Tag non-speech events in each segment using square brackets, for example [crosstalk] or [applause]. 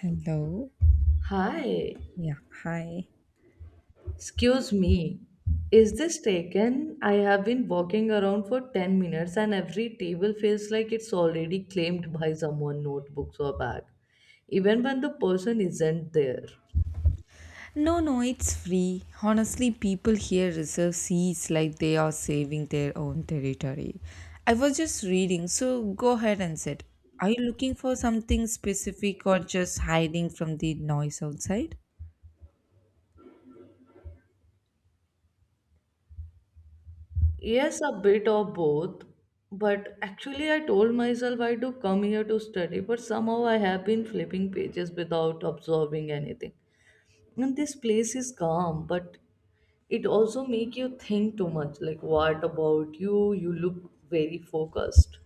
Hello. Hi, Yeah. Hi. excuse me. Is this taken? I have been walking around for 10 minutes and every table feels like it's already claimed by someone, notebooks or bag, even when the person isn't there. No, no, it's free. Honestly, people here reserve seats like they are saving their own territory. I was just reading, so go ahead and sit. Are you looking for something specific or just hiding from the noise outside? Yes, a bit of both, but actually, I told myself I do come here to study, but somehow I have been flipping pages without observing anything. And this place is calm, but it also make you think too much. Like, what about you? Look very focused.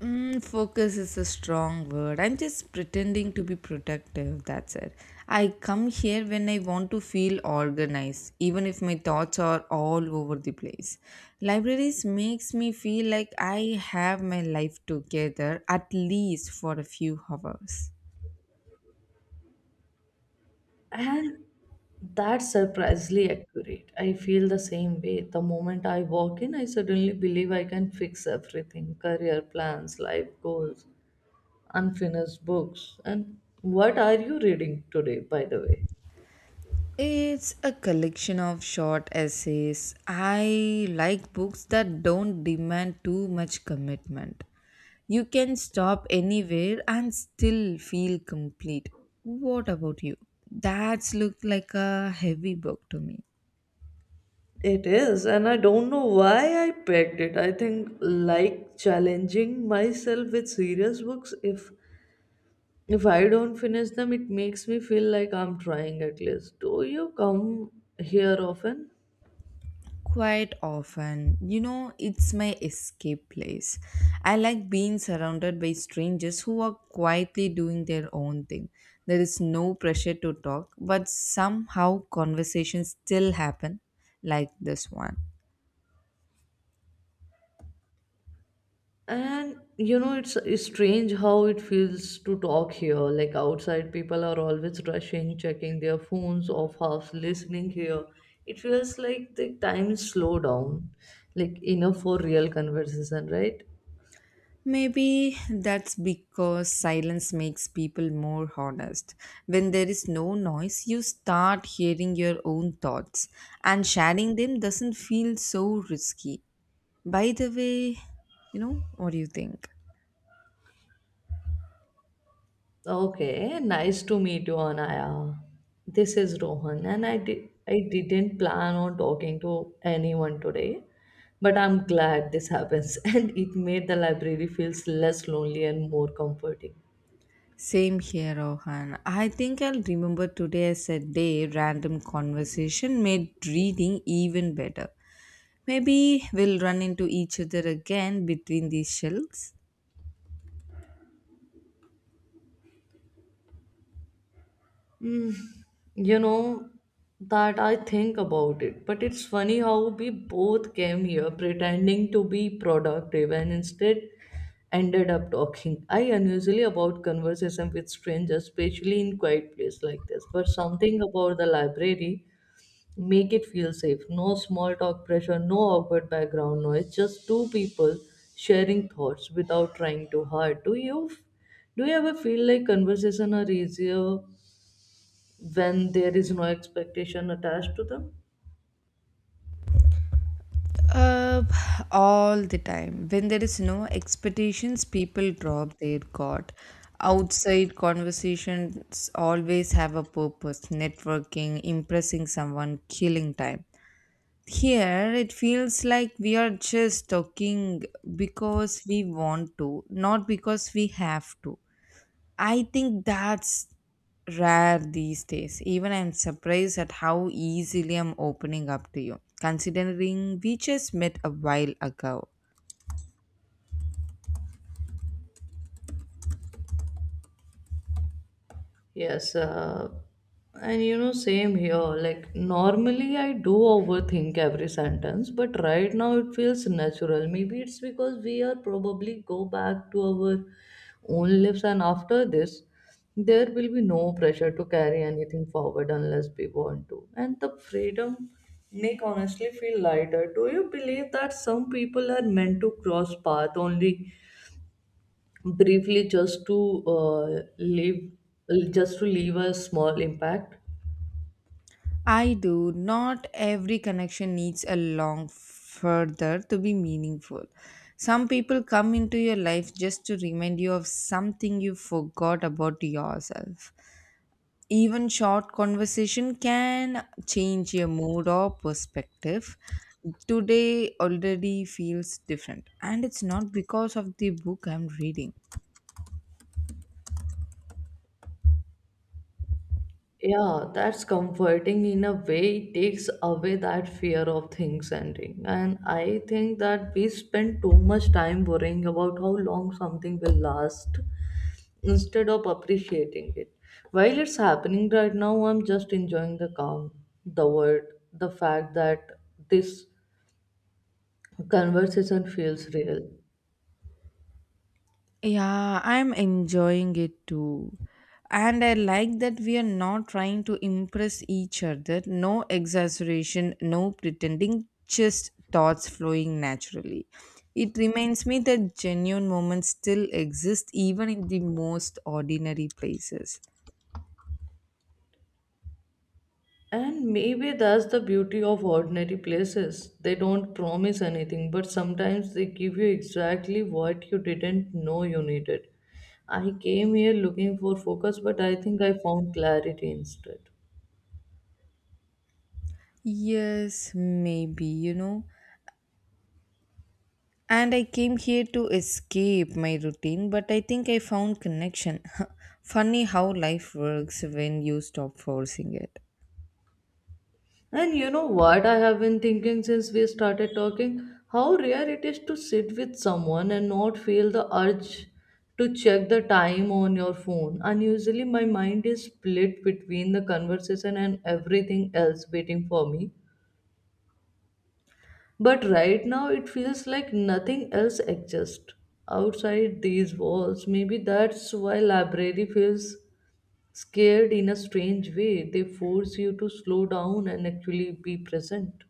Focus is a strong word. I'm just pretending to be protective. That's it. I come here when I want to feel organized, even if my thoughts are all over the place. Libraries makes me feel like I have my life together at least for a few hours. And that's surprisingly accurate. I feel the same way. The moment I walk in, I suddenly believe I can fix everything: career plans, life goals, unfinished books. And what are you reading today, by the way? It's a collection of short essays. I like books that don't demand too much commitment. You can stop anywhere and still feel complete. What about you? That's looked like a heavy book to me. It is, and I don't know why I picked it. I think like challenging myself with serious books. If I don't finish them, it makes me feel like I'm trying at least. Do you come here often? Quite often, it's my escape place. I like being surrounded by strangers who are quietly doing their own thing. There is no pressure to talk, but somehow conversations still happen, like this one. And you know, it's strange how it feels to talk here. Like outside, people are always rushing, checking their phones, off half listening here. It feels like the time is slow down, like enough for real conversation, right? Maybe that's because silence makes people more honest. When there is no noise, you start hearing your own thoughts, and sharing them doesn't feel so risky. By the way, what do you think? Okay, nice to meet you, Anaya. This is Rohan, and I didn't plan on talking to anyone today, but I'm glad this happens, [laughs] and it made the library feels less lonely and more comforting. Same here, Rohan. I think I'll remember today as a day random conversation made reading even better. Maybe we'll run into each other again between these shelves. Mm, you know, that I think about it, but it's funny how we both came here pretending to be productive and instead ended up talking. I unusually about conversation with strangers, especially in quiet place like this, but something about the library make it feel safe. No small talk pressure, no awkward background noise, just two people sharing thoughts without trying too hard. Do you ever feel like conversation are easier when there is no expectation attached to them? Uh, all the time. When there is no expectations, people drop their guard. Outside conversations always have a purpose networking, impressing someone, killing time. Here, it feels like we are just talking because we want to, not because we have to. I think that's rare these days. Even I'm surprised at how easily I'm opening up to you, considering we just met a while ago. Yes, and you know, same here. Like, normally I do overthink every sentence, but right now it feels natural. Maybe it's because we are probably go back to our own lives, and after this there will be no pressure to carry anything forward unless we want to, and the freedom make honestly feel lighter. Do you believe that some people are meant to cross path only briefly, just to leave, a small impact? I do. Not every connection needs a long further to be meaningful. Some people come into your life just to remind you of something you forgot about yourself. Even short conversation can change your mood or perspective. Today already feels different, and it's not because of the book I'm reading. Yeah, that's comforting in a way. It takes away that fear of things ending, and I think that we spend too much time worrying about how long something will last instead of appreciating it while it's happening. Right now I'm just enjoying the calm, the word the fact that this conversation feels real. Yeah, I'm enjoying it too. And I like that we are not trying to impress each other. No exaggeration, no pretending, just thoughts flowing naturally. It reminds me that genuine moments still exist even in the most ordinary places. And maybe that's the beauty of ordinary places. They don't promise anything, but sometimes they give you exactly what you didn't know you needed. I came here looking for focus, but I think I found clarity instead. Yes, maybe. And I came here to escape my routine, but I think I found connection. [laughs] Funny how life works when you stop forcing it. And you know what I have been thinking since we started talking? How rare it is to sit with someone and not feel the urge to check the time on your phone. And usually my mind is split between the conversation and everything else waiting for me. But right now it feels like nothing else exists outside these walls. Maybe that's why library feels scared in a strange way. They force you to slow down and actually be present.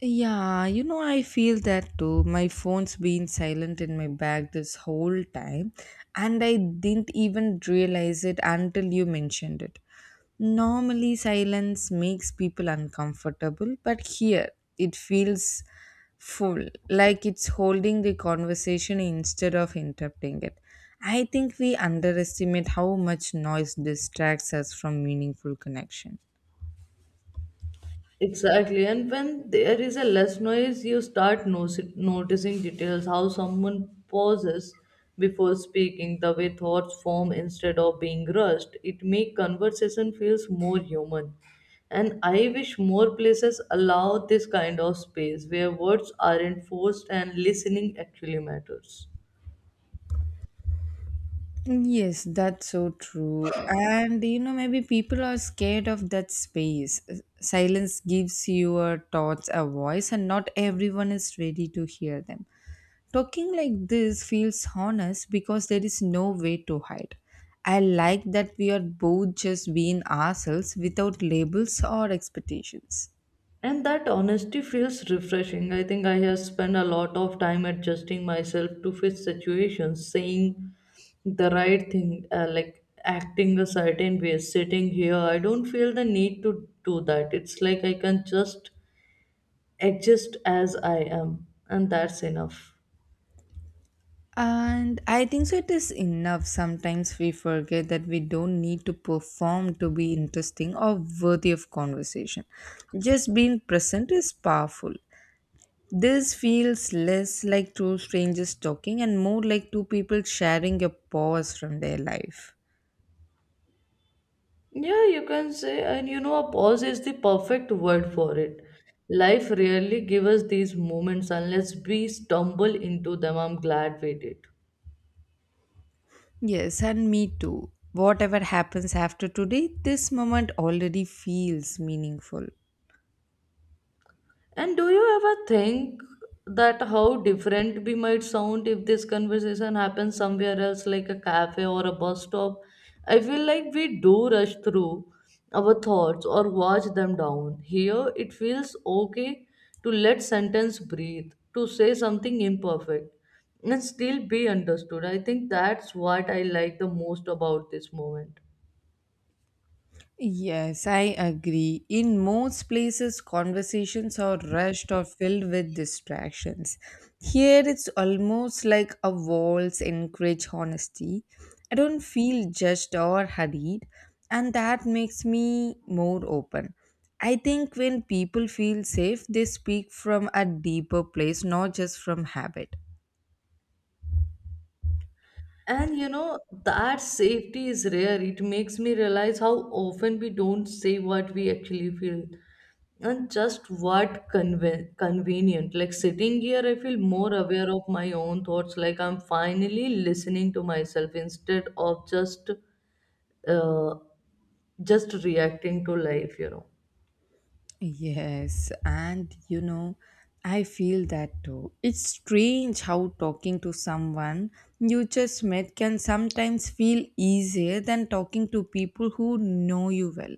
Yeah, I feel that too. My phone's been silent in my bag this whole time, and I didn't even realize it until you mentioned it. Normally, silence makes people uncomfortable, but here it feels full, like it's holding the conversation instead of interrupting it. I think we underestimate how much noise distracts us from meaningful connection. Exactly, and when there is a less noise, you start noticing details, how someone pauses before speaking, the way thoughts form instead of being rushed. It makes conversation feels more human. And I wish more places allow this kind of space where words aren't forced and listening actually matters. Yes, that's so true. And maybe people are scared of that space. Silence gives your thoughts a voice, and not everyone is ready to hear them. Talking like this feels honest because there is no way to hide. I like that we are both just being ourselves without labels or expectations. And that honesty feels refreshing. I think I have spent a lot of time adjusting myself to fit situations, saying the right thing, like acting a certain way. Sitting here, I don't feel the need to do that. It's like I can just exist as I am, and that's enough. And I think so it is enough. Sometimes we forget that we don't need to perform to be interesting or worthy of conversation. Just being present is powerful. This feels less like two strangers talking and more like two people sharing a pause from their life. Yeah, you can say, and you know, a pause is the perfect word for it. Life rarely gives us these moments unless we stumble into them. I'm glad we did. Yes, and me too. Whatever happens after today, this moment already feels meaningful. And do you ever think that how different we might sound if this conversation happens somewhere else, like a cafe or a bus stop? I feel like we do rush through our thoughts or watch them down. Here, it feels okay to let sentence breathe, to say something imperfect, and still be understood. I think that's what I like the most about this moment. Yes, I agree. In most places, conversations are rushed or filled with distractions. Here, it's almost like a walls encourage honesty. I don't feel judged or hurried, and that makes me more open. I think when people feel safe, they speak from a deeper place, not just from habit. And you know, that safety is rare. It makes me realize how often we don't say what we actually feel and just what convenient. Like, sitting here, I feel more aware of my own thoughts. Like I'm finally listening to myself instead of uh, just reacting to life, you know. Yes, and I feel that too. It's strange how talking to someone you just met can sometimes feel easier than talking to people who know you well.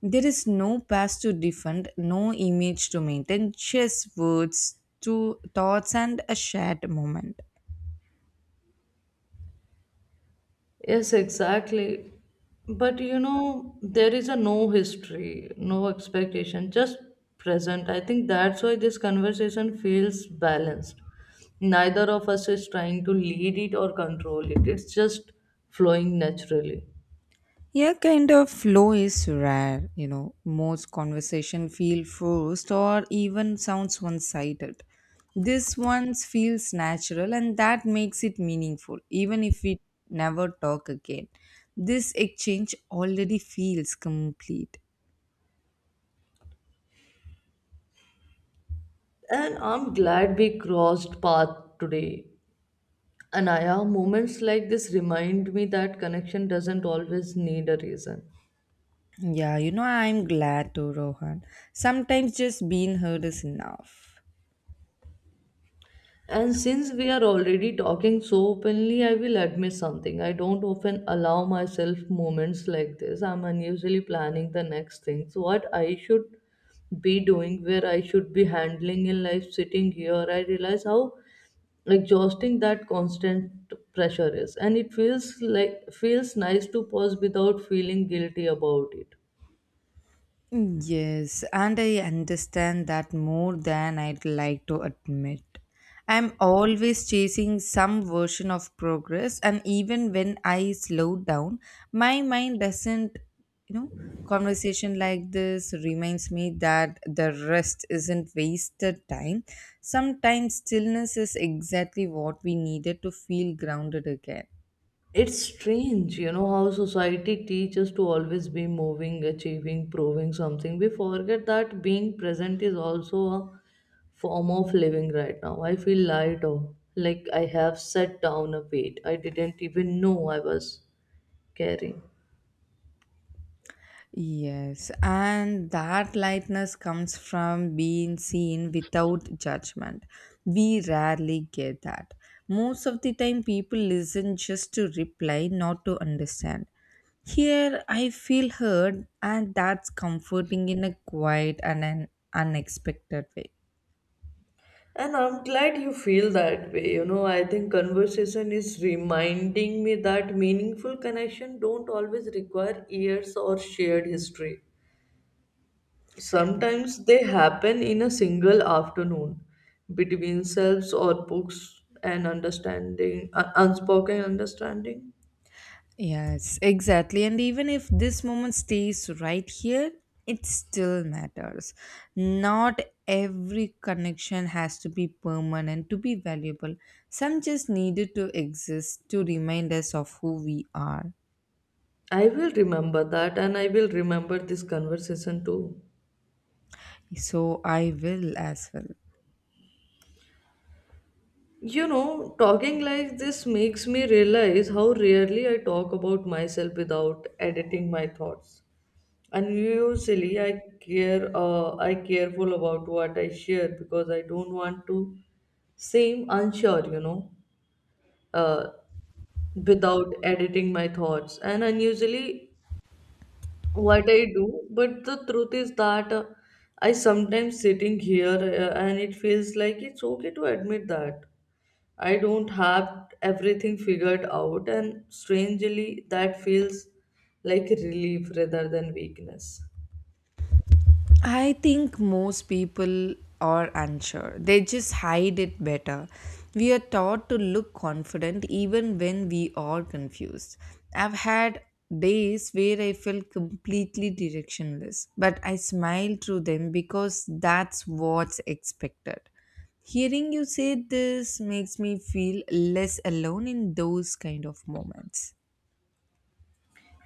There is no past to defend, no image to maintain, just words, to thoughts, and a shared moment. Yes, exactly. But you know, there is a no history, no expectation, just present. I think that's why this conversation feels balanced. Neither of us is trying to lead it or control it, it's just flowing naturally. Yeah, kind of flow is rare. Most conversation feel forced or even sounds one-sided. This one feels natural, and that makes it meaningful, even if we never talk again. This exchange already feels complete. And I'm glad we crossed path today. Anaya, moments like this remind me that connection doesn't always need a reason. Yeah, I'm glad to Rohan. Sometimes just being heard is enough. And since we are already talking so openly, I will admit something. I don't often allow myself moments like this. I'm unusually planning the next things, what I should be doing, where I should be handling in life. Sitting here, I realize how exhausting that constant pressure is. And it feels nice to pause without feeling guilty about it. Yes, and I understand that more than I'd like to admit. I'm always chasing some version of progress, and even when I slow down, my mind doesn't, you know, Conversation like this reminds me that the rest isn't wasted time. Sometimes stillness is exactly what we needed to feel grounded again. It's strange, you know, how society teaches to always be moving, achieving, proving something. We forget that being present is also a form of living. Right now I feel lighter, like I have set down a weight I didn't even know I was carrying. Yes, and that lightness comes from being seen without judgment. We rarely get that. Most of the time, people listen just to reply, not to understand. Here, I feel heard, and that's comforting in a quiet and an unexpected way. And I'm glad you feel that way. You know, I think conversation is reminding me that meaningful connection don't always require years or shared history. Sometimes they happen in a single afternoon between selves or books and unspoken understanding. Yes, exactly. And even if this moment stays right here, it still matters. Not every connection has to be permanent to be valuable. Some just needed to exist to remind us of who we are. I will remember that, and I will remember this conversation too. So I will as well. You know, talking like this makes me realize how rarely I talk about myself without editing my thoughts. And usually I careful about what I share because I don't want to seem unsure, you know. Uh, Without editing my thoughts and unusually what I do. But the truth is that, I sometimes sitting here, and it feels like it's okay to admit that I don't have everything figured out. And strangely that feels like relief rather than weakness. I think most people are unsure. They just hide it better. We are taught to look confident even when we are confused. I've had days where I felt completely directionless, but I smiled through them because that's what's expected. Hearing you say this makes me feel less alone in those kind of moments.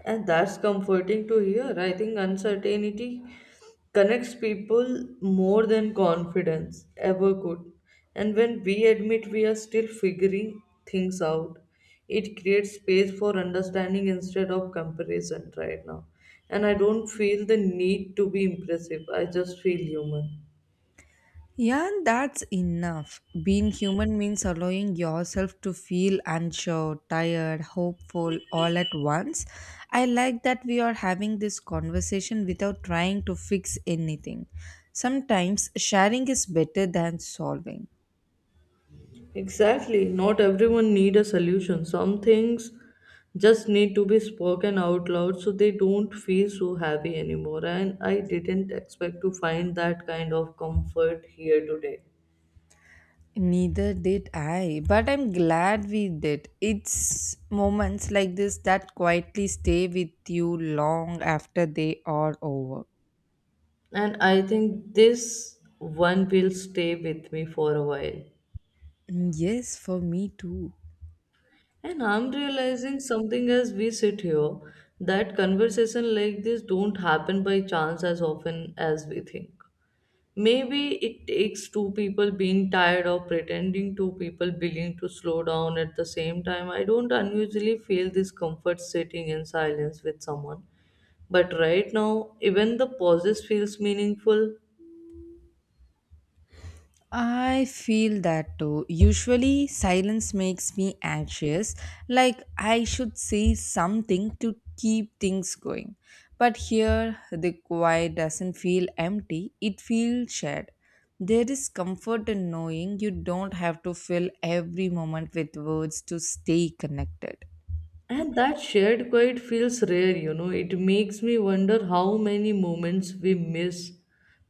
And that's comforting to hear. I think uncertainty connects people more than confidence ever could. And when we admit we are still figuring things out, it creates space for understanding instead of comparison. Right now, And I don't feel the need to be impressive, I just feel human. Yeah, and that's enough. Being human means allowing yourself to feel unsure, tired, hopeful all at once. I like that we are having this conversation without trying to fix anything. Sometimes sharing is better than solving. Exactly. Not everyone need a solution. Some things just need to be spoken out loud so they don't feel so heavy anymore. And I didn't expect to find that kind of comfort here today. Neither did I, but I'm glad we did. It's moments like this that quietly stay with you long after they are over. And I think this one will stay with me for a while. Mm, yes, for me too. And I'm realizing something as we sit here, that conversation like this don't happen by chance as often as we think. Maybe it takes two people being tired or pretending, two people willing to slow down at the same time. I don't unusually feel this comfort sitting in silence with someone, but right now, even the pauses feels meaningful. I feel that too. Usually, silence makes me anxious, like I should say something to keep things going. But here, the quiet doesn't feel empty, it feels shared. There is comfort in knowing you don't have to fill every moment with words to stay connected. And that shared quiet feels rare, you know. It makes me wonder how many moments we miss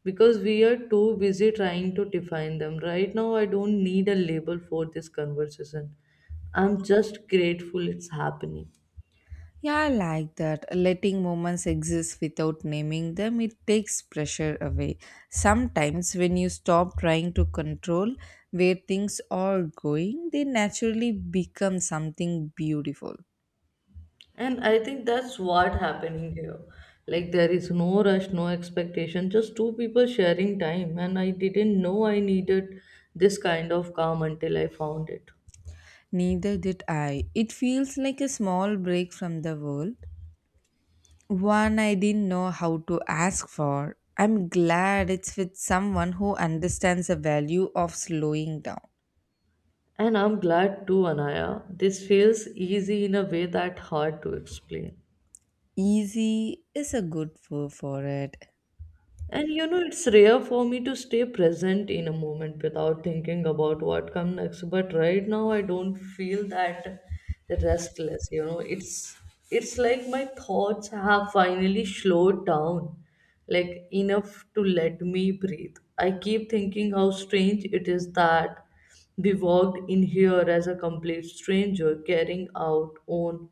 because we are too busy trying to define them. Right now, I don't need a label for this conversation. I'm just grateful it's happening. Yeah, I like that. Letting moments exist without naming them, it takes pressure away. Sometimes, when you stop trying to control where things are going, they naturally become something beautiful. And I think that's what happening here. Like, there is no rush, no expectation, just two people sharing time. And I didn't know I needed this kind of calm until I found it. Neither did I. It feels like a small break from the world, one I didn't know how to ask for. I'm glad it's with someone who understands the value of slowing down. And I'm glad too, Anaya. This feels easy in a way that hard to explain. Easy is a good word for it. And you know, it's rare for me to stay present in a moment without thinking about what comes next. But right now, I don't feel that restless. You know, it's like my thoughts have finally slowed down, like enough to let me breathe. I keep thinking how strange it is that we walked in here as a complete stranger, carrying out own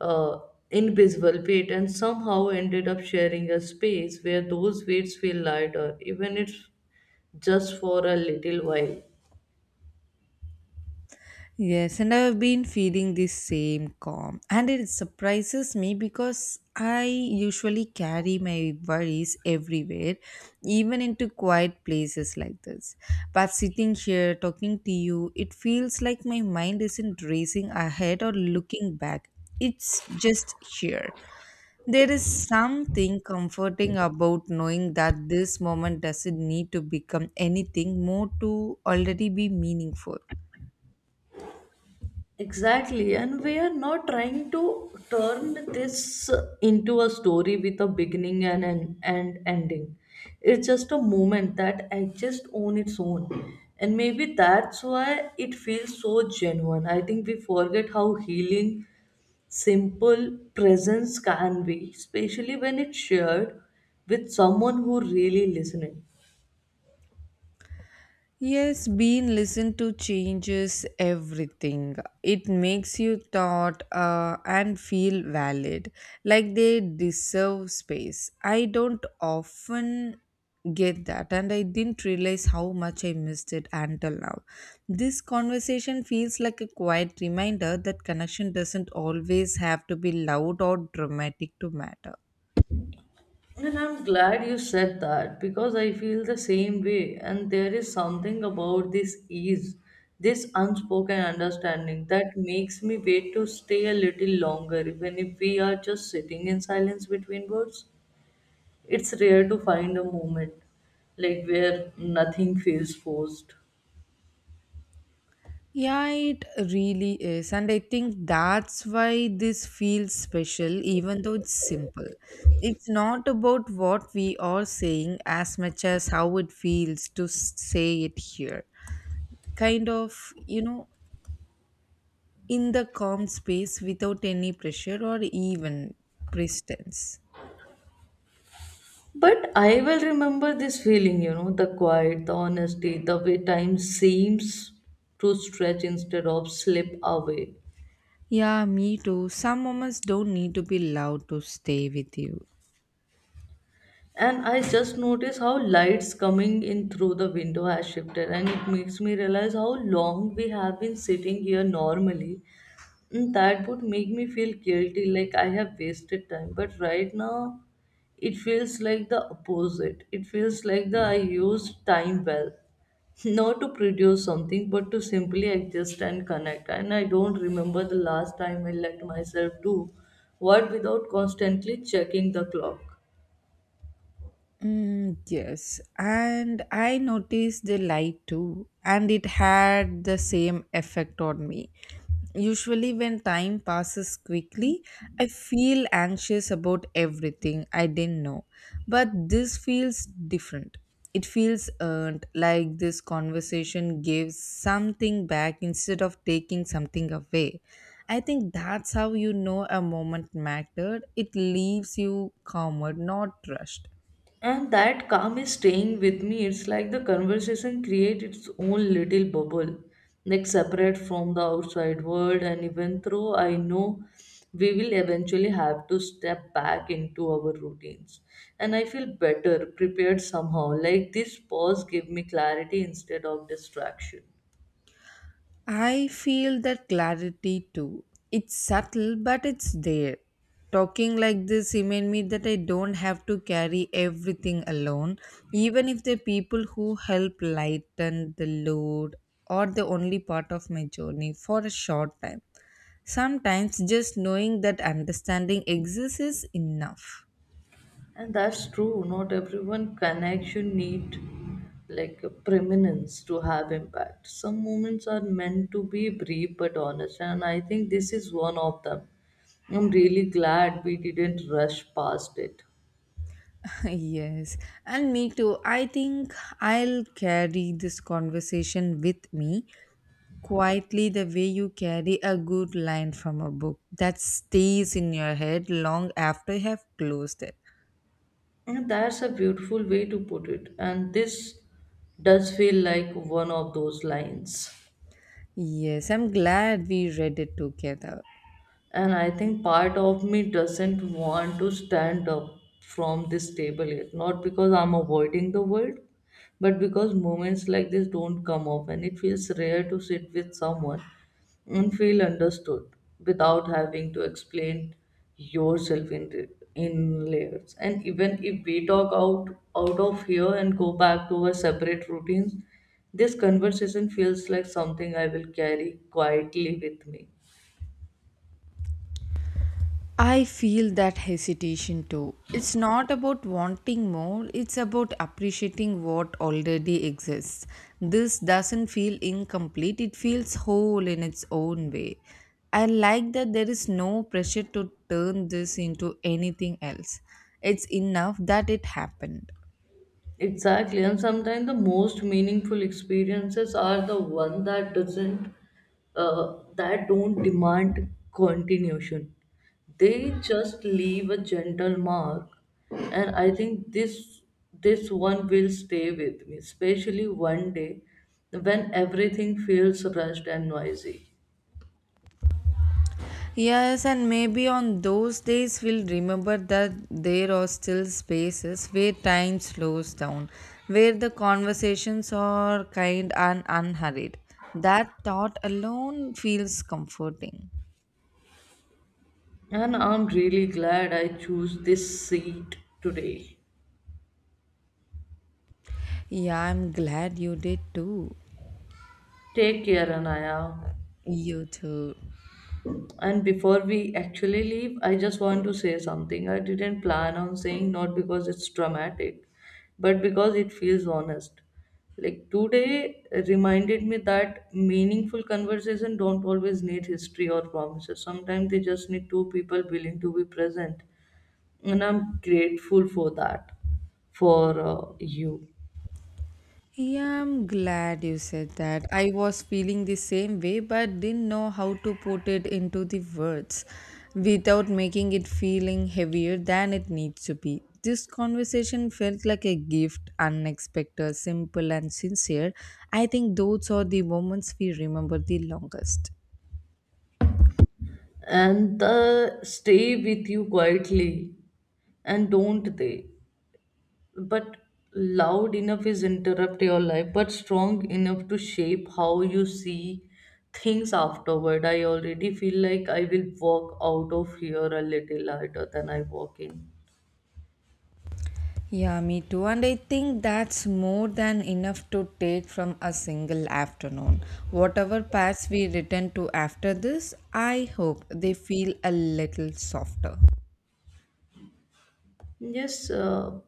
uh, invisible weight, and somehow ended up sharing a space where those weights feel lighter, even if just for a little while. Yes, and I've been feeling this same calm. And it surprises me because I usually carry my worries everywhere, even into quiet places like this. But sitting here talking to you, it feels like my mind isn't racing ahead or looking back. It's just here. There is something comforting about knowing that this moment doesn't need to become anything more to already be meaningful. Exactly, and we are not trying to turn this into a story with a beginning and an and ending. It's just a moment that exists on its own, and maybe that's why it feels so genuine. I think we forget how healing simple presence can be, especially when it's shared with someone who really listening. Yes, being listened to changes everything. It makes you thought and feel valid, like they deserve space. I don't often get that, and I didn't realize how much I missed it until now. This conversation feels like a quiet reminder that connection doesn't always have to be loud or dramatic to matter. And I'm glad you said that because I feel the same way. And there is something about this ease, this unspoken understanding that makes me wait to stay a little longer, even if we are just sitting in silence between words. It's rare to find a moment where nothing feels forced. Yeah, it really is. And I think that's why this feels special, even though it's simple. It's not about what we are saying as much as how it feels to say it here. Kind of, in the calm space without any pressure or even pretense. But I will remember this feeling, the quiet, the honesty, the way time seems to stretch instead of slip away. Yeah, me too. Some moments don't need to be loud to stay with you. And I just noticed how lights coming in through the window has shifted, and it makes me realize how long we have been sitting here normally. And that would make me feel guilty, like I have wasted time. But right now, it feels like the opposite. It feels like the I used time well, [laughs] not to produce something, but to simply exist and connect. And I don't remember the last time I let myself do what without constantly checking the clock. Mm, yes, and I noticed the light too, and it had the same effect on me. Usually, when time passes quickly, I feel anxious about everything I didn't know. But this feels different. It feels earned, like this conversation gives something back instead of taking something away. I think that's how you know a moment mattered. It leaves you calmer, not rushed. And that calm is staying with me. It's like the conversation creates its own little bubble, like separate from the outside world. And even though I know we will eventually have to step back into our routines, and I feel better, prepared somehow. Like this pause gave me clarity instead of distraction. I feel that clarity too. It's subtle, but it's there. Talking like this remind me that I don't have to carry everything alone, even if the people who help lighten the load are the only part of my journey for a short time. Sometimes just knowing that understanding exists is enough. And that's true. Not everyone connection need like a prominence to have impact. Some moments are meant to be brief but honest, and I think this is one of them. I'm really glad we didn't rush past it. [laughs] Yes, and me too. I think I'll carry this conversation with me quietly the way you carry a good line from a book that stays in your head long after you have closed it. And that's a beautiful way to put it. And this does feel like one of those lines. Yes, I'm glad we read it together. And I think part of me doesn't want to stand up from this table yet. Not because I'm avoiding the world, but because moments like this don't come often. It feels rare to sit with someone and feel understood without having to explain yourself in layers, and even if we talk out of here and go back to our separate routines, this conversation feels like something I will carry quietly with me. I feel that hesitation too. It's not about wanting more, it's about appreciating what already exists. This doesn't feel incomplete, it feels whole in its own way. I like that there is no pressure to turn this into anything else. It's enough that it happened. Exactly, and sometimes the most meaningful experiences are the one that doesn't, that don't demand continuation. They just leave a gentle mark, and I think this one will stay with me, especially one day when everything feels rushed and noisy. Yes, and maybe on those days we'll remember that there are still spaces where time slows down, where the conversations are kind and unhurried. That thought alone feels comforting. And I'm really glad I chose this seat today. Yeah, I'm glad you did too. Take care, Anaya. You too. And before we actually leave, I just want to say something. I didn't plan on saying, not because it's dramatic, but because it feels honest. Like today reminded me that meaningful conversation don't always need history or promises. Sometimes they just need two people willing to be present. And I'm grateful for that, for you. Yeah, I'm glad you said that. I was feeling the same way, but didn't know how to put it into the words without making it feeling heavier than it needs to be. This conversation felt like a gift, unexpected, simple, and sincere. I think those are the moments we remember the longest. And stay with you quietly, and don't they? But loud enough is interrupt your life, but strong enough to shape how you see things afterward. I already feel like I will walk out of here a little later than I walk in. Yeah, me too. And I think that's more than enough to take from a single afternoon. Whatever paths we return to after this, I hope they feel a little softer. Yes,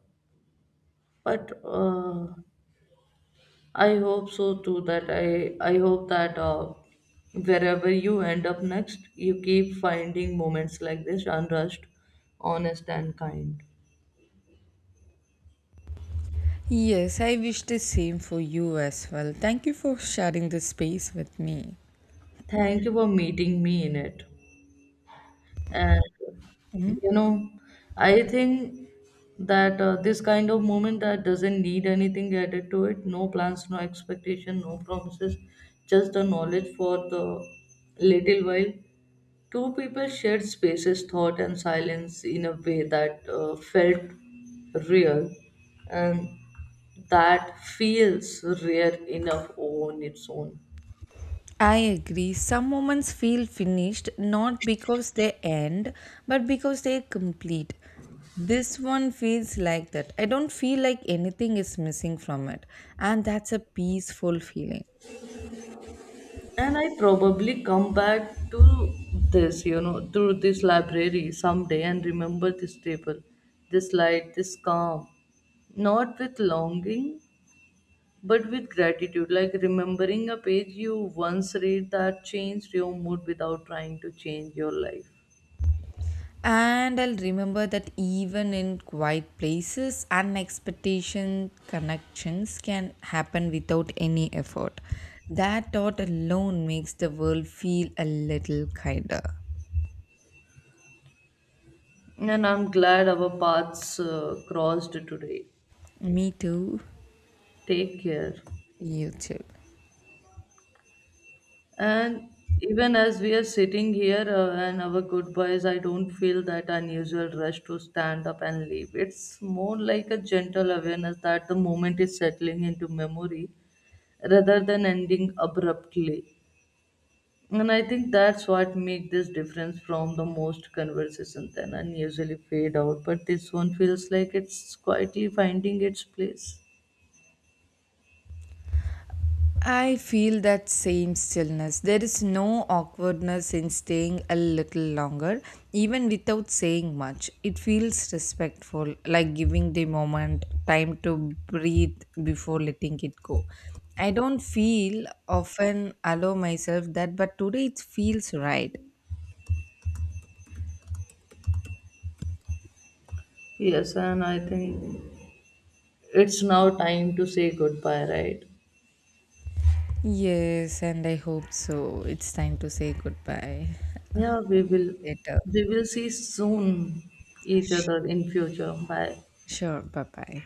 but I hope so too. That I hope that wherever you end up next, you keep finding moments like this, unrushed, honest, and kind. Yes, I wish the same for you as well. Thank you for sharing this space with me. Thank you for meeting me in it. And you know, I think that this kind of moment that doesn't need anything added to it, no plans, no expectation, no promises, just the knowledge for the little while. Two people shared spaces, thought, and silence in a way that felt real, and that feels rare enough on its own. I agree. Some moments feel finished not because they end, but because they complete. This one feels like that. I don't feel like anything is missing from it. And that's a peaceful feeling. And I probably come back to this, through this library someday and remember this table, this light, this calm. Not with longing, but with gratitude. Like remembering a page you once read that changed your mood without trying to change your life. And I'll remember that even in quiet places, unexpected connections can happen without any effort. That thought alone makes the world feel a little kinder. And I'm glad our paths crossed today. Me too. Take care. You too. And even as we are sitting here and our goodbyes, I don't feel that unusual rush to stand up and leave. It's more like a gentle awareness that the moment is settling into memory rather than ending abruptly. And I think that's what makes this difference from the most conversations then unusually fade out. But this one feels like it's quietly finding its place. I feel that same stillness. There is no awkwardness in staying a little longer, even without saying much. It feels respectful, like giving the moment time to breathe before letting it go. I don't feel often allow myself that, but today it feels right. Yes, and I think it's now time to say goodbye, right? Yes, and I hope so. It's time to say goodbye. Yeah, we will Later. we will see soon each Sure. other in future. Bye. Sure. Bye bye.